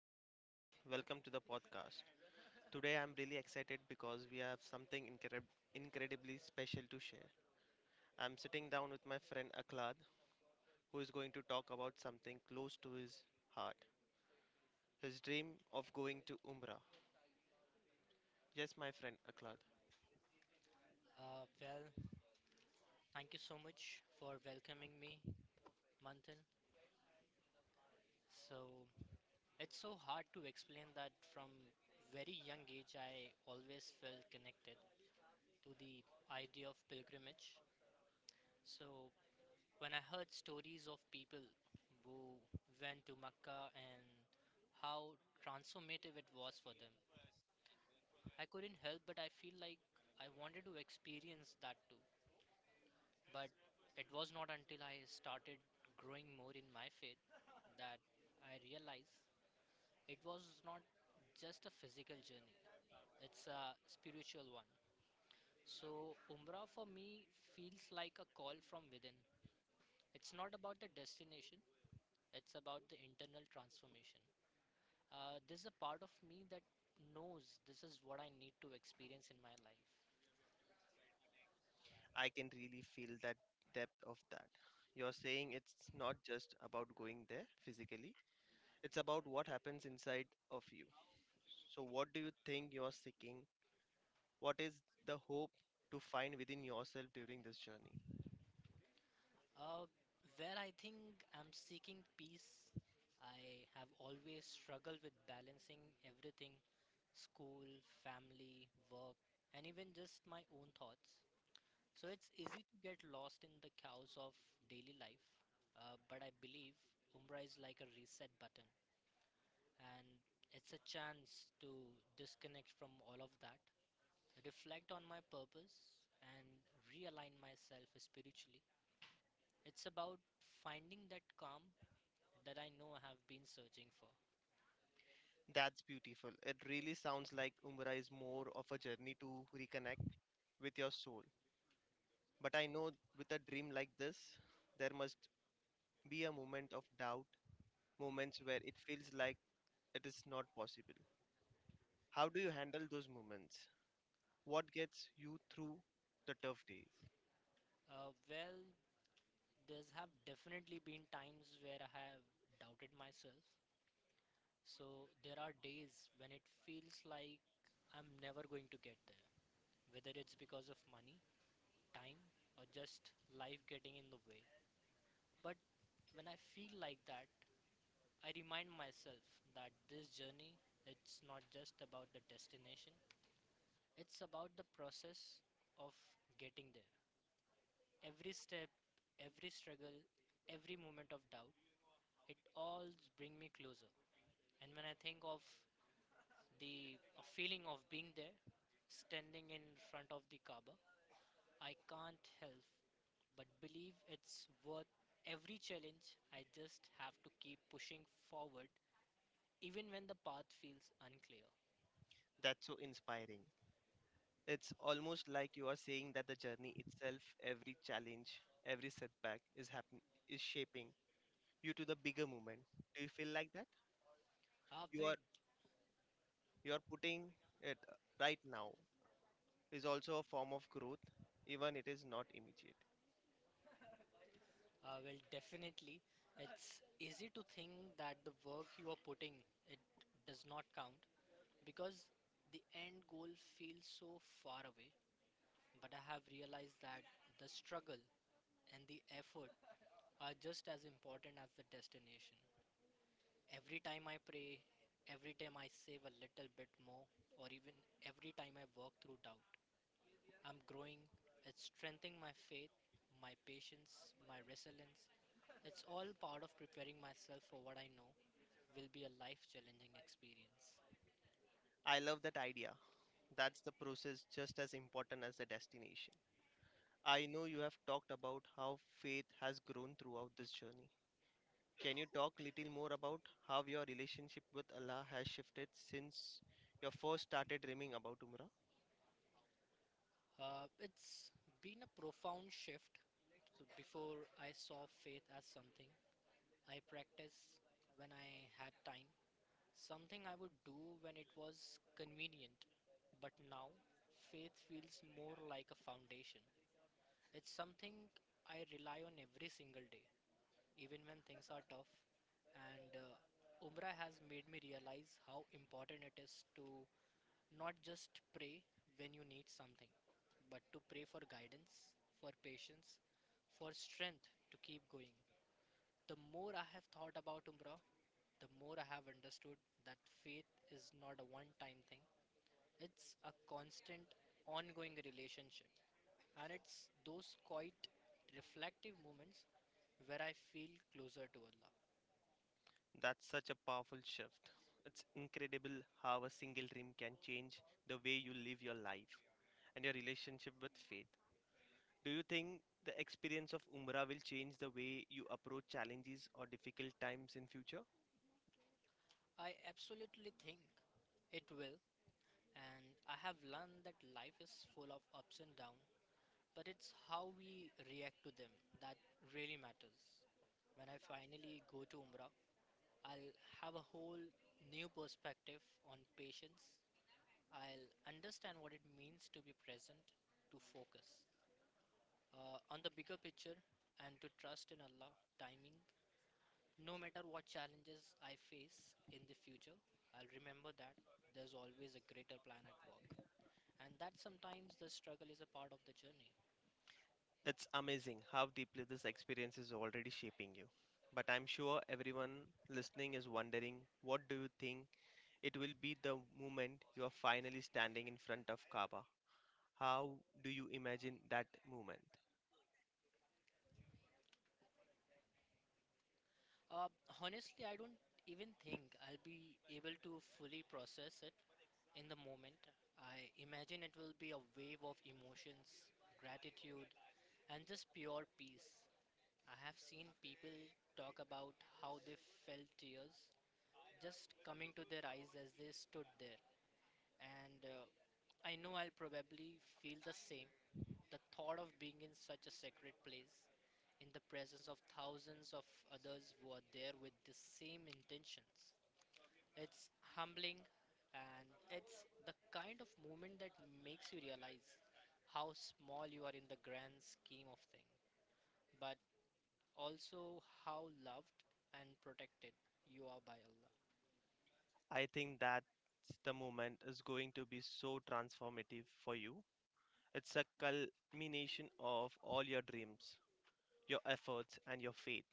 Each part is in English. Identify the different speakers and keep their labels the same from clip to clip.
Speaker 1: everyone, welcome to the podcast. Today I'm really excited because we have something incredibly special to share. I'm sitting down with my friend Aklad, who is going to talk about something close to his heart, his dream of going to Umrah. Yes, my friend Aklad,
Speaker 2: Uh, well, Thank you so much for welcoming me, Manthan. So it's so hard to explain that from very young age I always felt connected to the idea of pilgrimage. So when I heard stories of people who went to Mecca and how transformative it was for them, I couldn't help but I feel like I wanted to experience that too. But it was not until I started growing more in my faith that I realized it was not just a physical journey, it's a spiritual one. So, Umrah for me feels like a call from within. It's not about the destination, it's about the internal transformation. There's a part of me that knows this is what I need to experience in my life.
Speaker 1: I can really feel that depth of that. You're saying it's not just about going there physically, it's about what happens inside of you. So, what do you think you're seeking? What is the hope to find within yourself during this journey?
Speaker 2: Uh, where I think I'm seeking peace, I have always struggled with balancing everything: school, family, work, and even just my own thoughts. So it's easy to get lost in the chaos of daily life, but I believe Umrah is like a reset button, and it's a chance to disconnect from all of that, reflect on my purpose, and realign myself spiritually. It's about finding that calm that I know I have been searching for.
Speaker 1: That's beautiful. It really sounds like Umra is more of a journey to reconnect with your soul. But I know with a dream like this, there must be a moment of doubt, moments where it feels like it is not possible. How do you handle those moments? What gets you through the tough days?
Speaker 2: Uh, well, there's have definitely been times where I have doubted myself. So there are days when it feels like I'm never going to get there, whether it's because of money, time, or just life getting in the way. But when I feel like that, I remind myself that this journey it's not just about the destination, it's about the process of getting there. Every step, every struggle, every moment of doubt, it all bring me closer. And when I think of the a feeling of being there, standing in front of the Kaaba, I can't help but believe it's worth every challenge. I just have to keep pushing forward, even when the path feels unclear.
Speaker 1: That's so inspiring. It's almost like you are saying that the journey itself, every challenge, every setback is shaping you to the bigger movement. Do you feel like that?
Speaker 2: Ah,
Speaker 1: You
Speaker 2: well,
Speaker 1: are you are putting it right now is also a form of growth, even it is not immediate.
Speaker 2: Definitely. It's easy to think that the work you are putting it does not count, because the end goal feels so far away, but I have realized that the struggle and the effort are just as important as the destination. Every time I pray, every time I save a little bit more, or even every time I walk through doubt, I'm growing. It's strengthening my faith, my patience, my resilience. It's all part of preparing myself for what I know will be a life challenging experience.
Speaker 1: I love that idea. That's the process just as important as the destination. I know you have talked about how faith has grown throughout this journey. Can you talk little more about how your relationship with Allah has shifted since you first started dreaming about Umrah?
Speaker 2: It's been a profound shift. So before I saw faith as something I practiced when I had time, something I would do when it was convenient. But now, faith feels more like a foundation. It's something I rely on every single day, even when things are tough. And Umrah has made me realize how important it is to not just pray when you need something, but to pray for guidance, for patience, for strength to keep going. The more I have thought about Umrah, the more I have understood that faith is not a one time thing. It's a constant, ongoing relationship. And it's those quiet, reflective moments where I feel closer to Allah.
Speaker 1: That's such a powerful shift. It's incredible how a single dream can change the way you live your life and your relationship with faith. Do you think the experience of Umrah will change the way you approach challenges or difficult times in future?
Speaker 2: I absolutely think it will, and I have learned that life is full of ups and downs, but it's how we react to them that really matters. When I finally go to Umrah, I'll have a whole new perspective on patience. I'll understand what it means to be present, to focus on the bigger picture, and to trust in Allah, timing. No matter what challenges I face in the future, I'll remember that there's always a greater plan at work, and that sometimes the struggle is a part of the journey.
Speaker 1: It's amazing how deeply this experience is already shaping you. But I'm sure everyone listening is wondering, what do you think it will be the moment you are finally standing in front of Kaaba? How do you imagine that moment?
Speaker 2: Uh, Honestly, I don't even think I'll be able to fully process it. In the moment, I imagine it will be a wave of emotions, gratitude, and just pure peace. I have seen people talk about how they felt tears just coming to their eyes as they stood there. And I know I'll probably feel the same. The thought of being in such a sacred place, in the presence of thousands of others who are there with the same intentions. It's humbling and it's the kind of moment that makes you realize how small you are in the grand scheme of things, but also how loved and protected you are by Allah.
Speaker 1: I think that the moment is going to be so transformative for you. It's a culmination of all your dreams, your efforts, and your faith.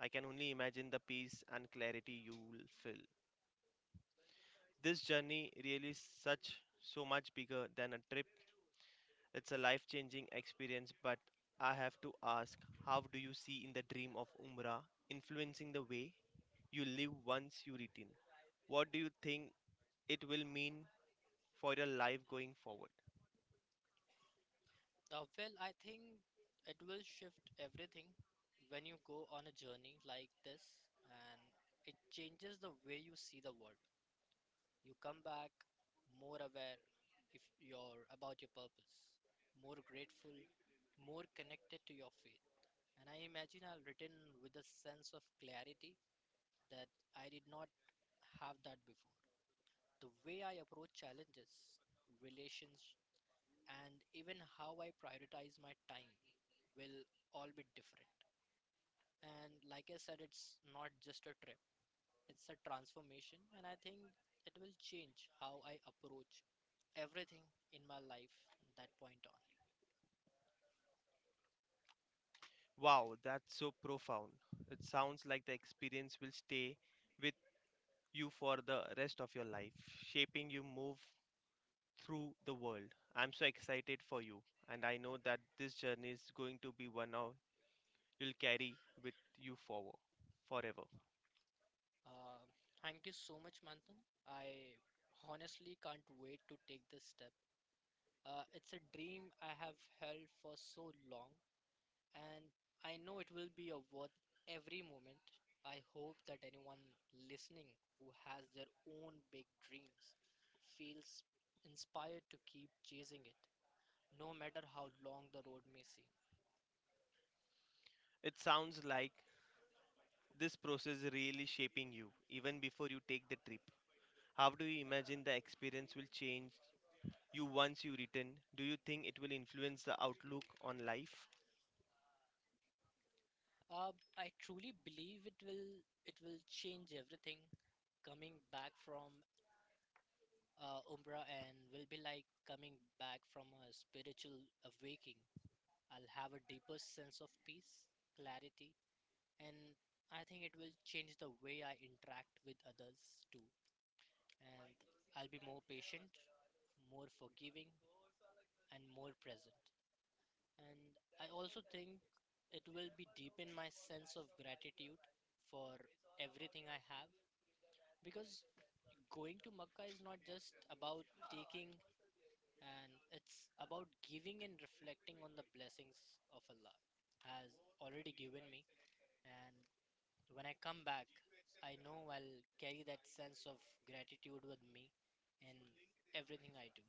Speaker 1: I can only imagine the peace and clarity you will feel. This journey really is such so much bigger than a trip. It's a life changing experience, but I have to ask, how do you see in the dream of Umrah influencing the way you live once you return? What do you think it will mean for your life going forward?
Speaker 2: I think it will shift everything when you go on a journey like this, and it changes the way you see the world. You come back more aware if you're about your purpose, more grateful, more connected to your faith. And I imagine I'll return with a sense of clarity that I did not have that before. The way I approach challenges, relations, and even how I prioritize my time will all be different. And like I said, it's not just a trip, it's a transformation, and I think it will change how I approach everything in my life that point on.
Speaker 1: Wow, that's so profound. It sounds like the experience will stay with you for the rest of your life, shaping you move through the world. I'm so excited for you, and I know that this journey is going to be one of you'll carry with you forward forever.
Speaker 2: Uh, Thank you so much, Manthan. I honestly can't wait to take this step. It's a dream I have held for so long, and I know it will be a worth every moment. I hope that anyone listening who has their own big dreams feels inspired to keep chasing it no matter how long the road may seem.
Speaker 1: It sounds like this process is really shaping you even before you take the trip. How do you imagine the experience will change you once you return? Do you think it will influence the outlook on life?
Speaker 2: Uh, I truly believe it will change everything. Coming back from Umrah and will be like coming back from a spiritual awakening. I'll have a deeper sense of peace, clarity, and I think it will change the way I interact with others too. And I'll be more patient, more forgiving, and more present. And I also think it will be deepen my sense of gratitude for everything I have because going to Makkah is not just about taking and it's about giving and reflecting on the blessings of Allah has already given me, and when I come back I know I'll carry that sense of gratitude with me in everything I do.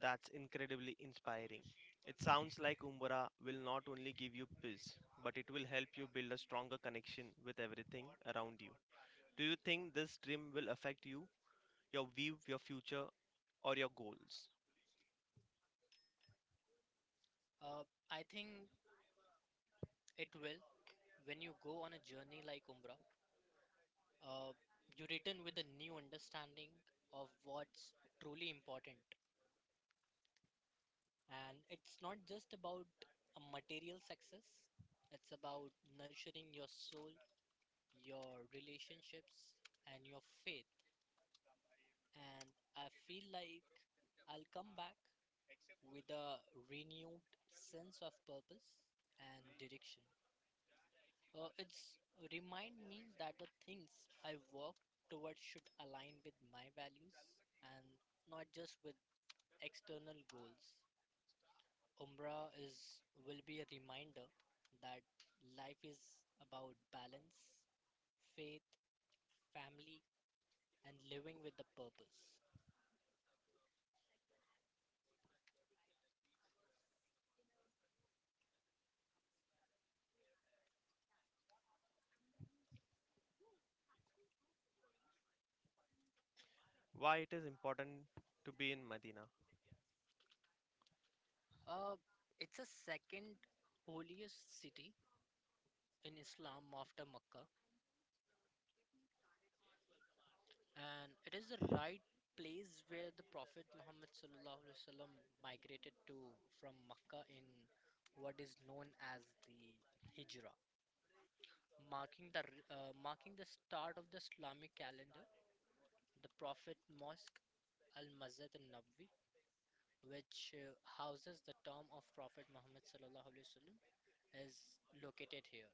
Speaker 1: That's incredibly inspiring. It sounds like Umbra will not only give you peace, but it will help you build a stronger connection with everything around you. Do you think this dream will affect you, your view, your future, or your goals?
Speaker 2: Uh, I think it will when you go on a journey like Umrah. Uh, you return with a new understanding of what's truly important. And it's not just about a material success, it's about nurturing your soul, your relationships, and your faith. And I feel like I'll come back with a renewed sense of purpose and direction. It's remind me that the things I work towards should align with my values and not just with external goals. Umbra is will be a reminder that life is about balance, faith, family, and living with the purpose.
Speaker 1: Why it is important to be in Medina?
Speaker 2: Uh, it's a second holiest city in Islam after Mecca. And it is the right place where the Prophet Muhammad sallallahu alaihi wasallam migrated to from Makkah in what is known as the Hijra, marking marking the start of the Islamic calendar. The Prophet Mosque Al Masjid Al Nabwi, which houses the tomb of Prophet Muhammad sallallahu alaihi wasallam, is located here.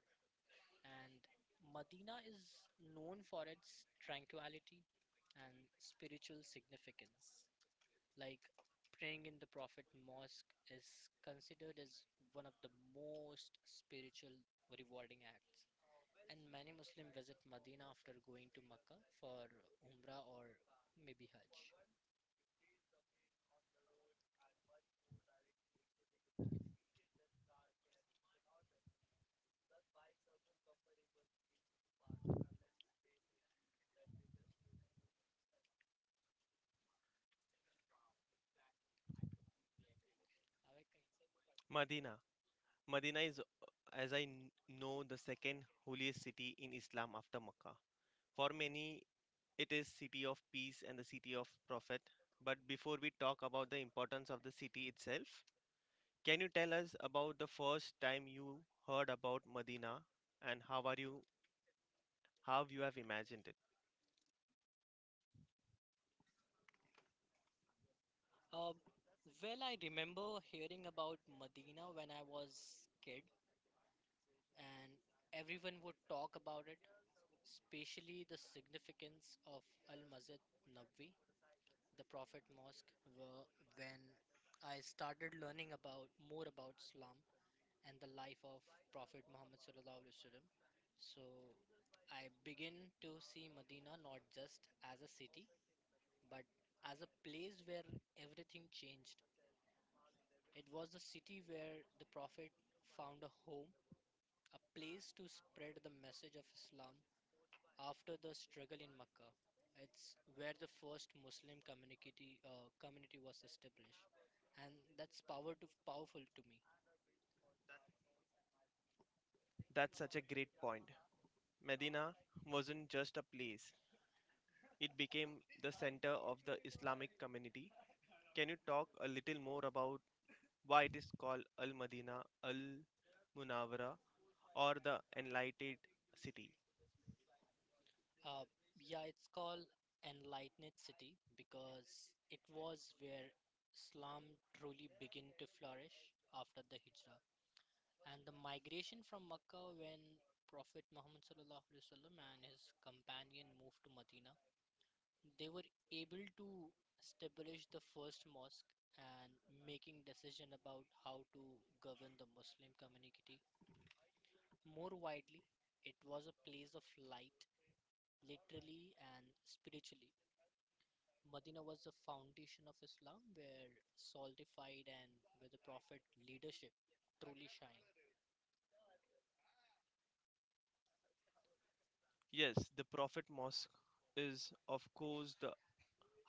Speaker 2: And Medina is known for its tranquility and spiritual significance. Like praying in the Prophet Mosque is considered as one of the most spiritual rewarding acts. And many Muslims visit Medina after going to Mecca for Umrah or maybe Hajj.
Speaker 1: Medina. Medina is, as know, the second holiest city in Islam after Mecca. For many, it is city of peace and the city of prophet. But before we talk about the importance of the city itself, can you tell us about the first time you heard about Medina and how are you how you have imagined it?
Speaker 2: Uh, I remember hearing about Medina when I was kid, and everyone would talk about it, especially the significance of Al Masjid Nabwi, the Prophet Mosque were when I started learning about more about Islam and the life of Prophet Muhammad Sallallahu Alaihi Wasallam. So I begin to see Medina not just as a city, but as a place where everything changed. It was the city where the Prophet found a home, a place to spread the message of Islam. After the struggle in Makkah, it's where the first Muslim community community was established, and that's powerful to me.
Speaker 1: That's such a great point. Medina wasn't just a place. It became the center of the Islamic community. Can you talk a little more about why it is called Al Madina, Al Munawara, or the Enlightened City?
Speaker 2: Uh, yeah, it's called Enlightened City because it was where Islam truly began to flourish after the Hijrah and the migration from Makkah. When Prophet Muhammad sallallahu alaihi wasallam and his companion moved to Medina, they were able to establish the first mosque and making decision about how to govern the Muslim community more widely. It was a place of light, literally and spiritually. Medina was the foundation of Islam where solidified and where the Prophet leadership truly shine.
Speaker 1: Yes, the Prophet Mosque is, of course, the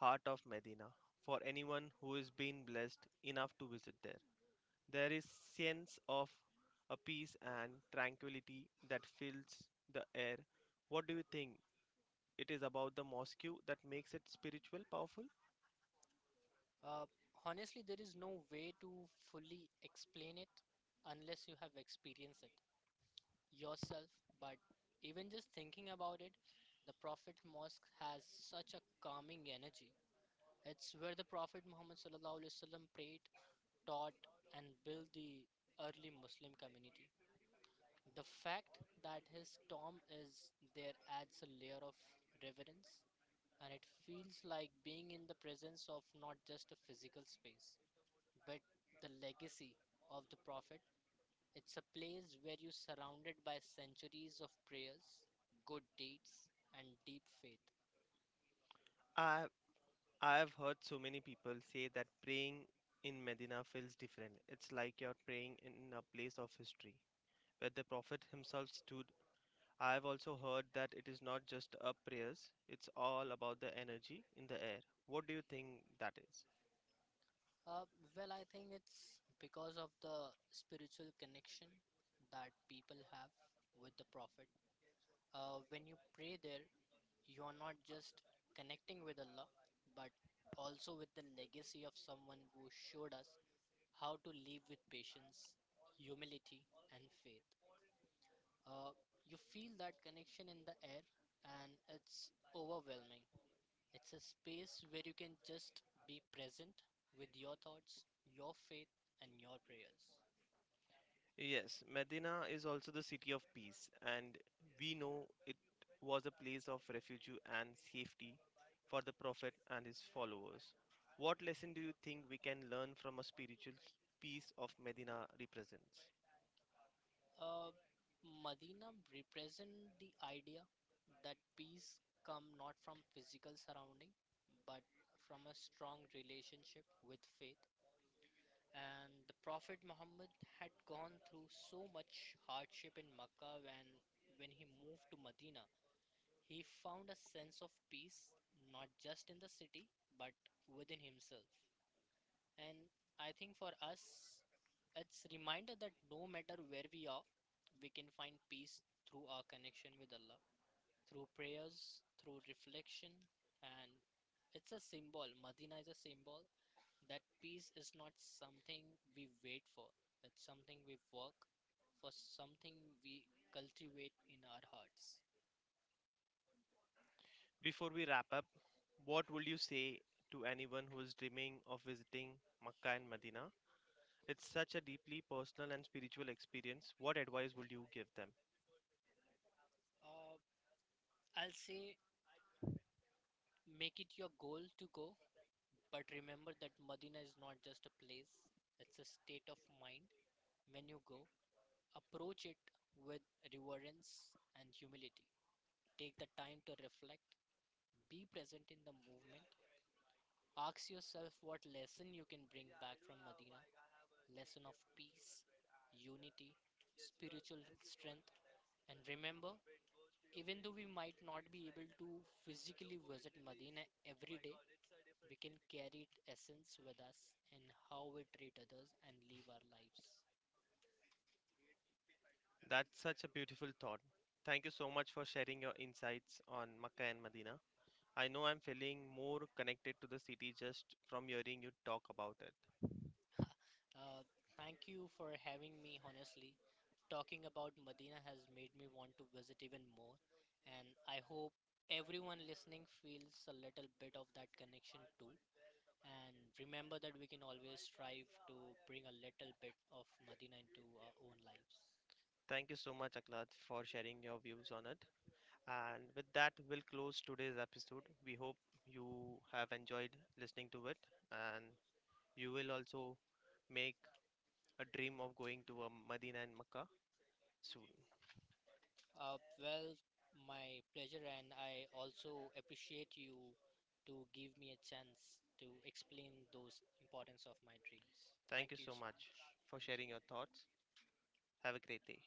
Speaker 1: heart of Medina for anyone who has been blessed enough to visit there. There is sense of a peace and tranquility that fills the air. What do you think? It is about the mosque that makes it spiritual powerful?
Speaker 2: Uh, Honestly, there is no way to fully explain it unless you have experienced it yourself, but even just thinking about it, the Prophet Mosque has such a calming energy. It's where the Prophet Muhammad sallallahu alaihi wasallam prayed, taught, and built the early Muslim community. The fact that his tomb is there adds a layer of reverence, and it feels like being in the presence of not just a physical space, but the legacy of the Prophet. It's a place where you're surrounded by centuries of prayers, good deeds, and deep faith.
Speaker 1: I I've heard so many people say that praying in Medina feels different. It's like you're praying in a place of history where the Prophet himself stood. I've also heard that it is not just a prayers, it's all about the energy in the air. What do you think that is?
Speaker 2: Uh, I think it's because of the spiritual connection that people have with the Prophet. When you pray there, you're not just connecting with Allah, but also with the legacy of someone who showed us how to live with patience, humility, and faith. Uh, you feel that connection in the air, and it's overwhelming. It's a space where you can just be present with your thoughts, your faith, and your prayers.
Speaker 1: Yes, Medina is also the city of peace, and we know it was a place of refuge and safety for the Prophet and his followers. What lesson do you think we can learn from a spiritual peace of Medina represents?
Speaker 2: Uh, Madina represent the idea that peace come not from physical surrounding, but from a strong relationship with faith. And the Prophet Muhammad had gone through so much hardship in Makkah. When he moved to Medina, he found a sense of peace not just in the city but within himself. And I think for us, it's reminder that no matter where we are, we can find peace through our connection with Allah, through prayers, through reflection, and it's a symbol. Medina is a symbol that peace is not something we wait for. It's something we work for, something we cultivate in our hearts.
Speaker 1: Before we wrap up, what would you say to anyone who is dreaming of visiting Makkah and Medina? It's such a deeply personal and spiritual experience. What advice would you give them?
Speaker 2: Uh, I'll say make it your goal to go, but remember that Medina is not just a place, it's a state of mind. When you go, approach it with reverence and humility. Take the time to reflect, be present in the movement. Ask yourself what lesson you can bring back from Medina: lesson of peace, unity, spiritual strength. And remember, even though we might not be able to physically visit Medina every day, we can carry its essence with us in how we treat others and live our lives.
Speaker 1: That's such a beautiful thought. Thank you so much for sharing your insights on Makkah and Medina. I know I'm feeling more connected to the city just from hearing you talk about it.
Speaker 2: uh, Thank you for having me, honestly. Talking about Medina has made me want to visit even more, and I hope everyone listening feels a little bit of that connection too. And remember that we can always strive to bring a little bit of Medina into our own lives.
Speaker 1: Thank you so much, Aklad, for sharing your views on it. And with that, we'll close today's episode. We hope you have enjoyed listening to it and you will also make a dream of going to a Medina and Makkah soon.
Speaker 2: Uh, well, my pleasure, and I also appreciate you to give me a chance to explain those importance of my dreams.
Speaker 1: Thank you
Speaker 2: Thank you
Speaker 1: so
Speaker 2: so
Speaker 1: much
Speaker 2: much.
Speaker 1: for
Speaker 2: Thank
Speaker 1: sharing your thoughts.
Speaker 2: you.
Speaker 1: Have a great day.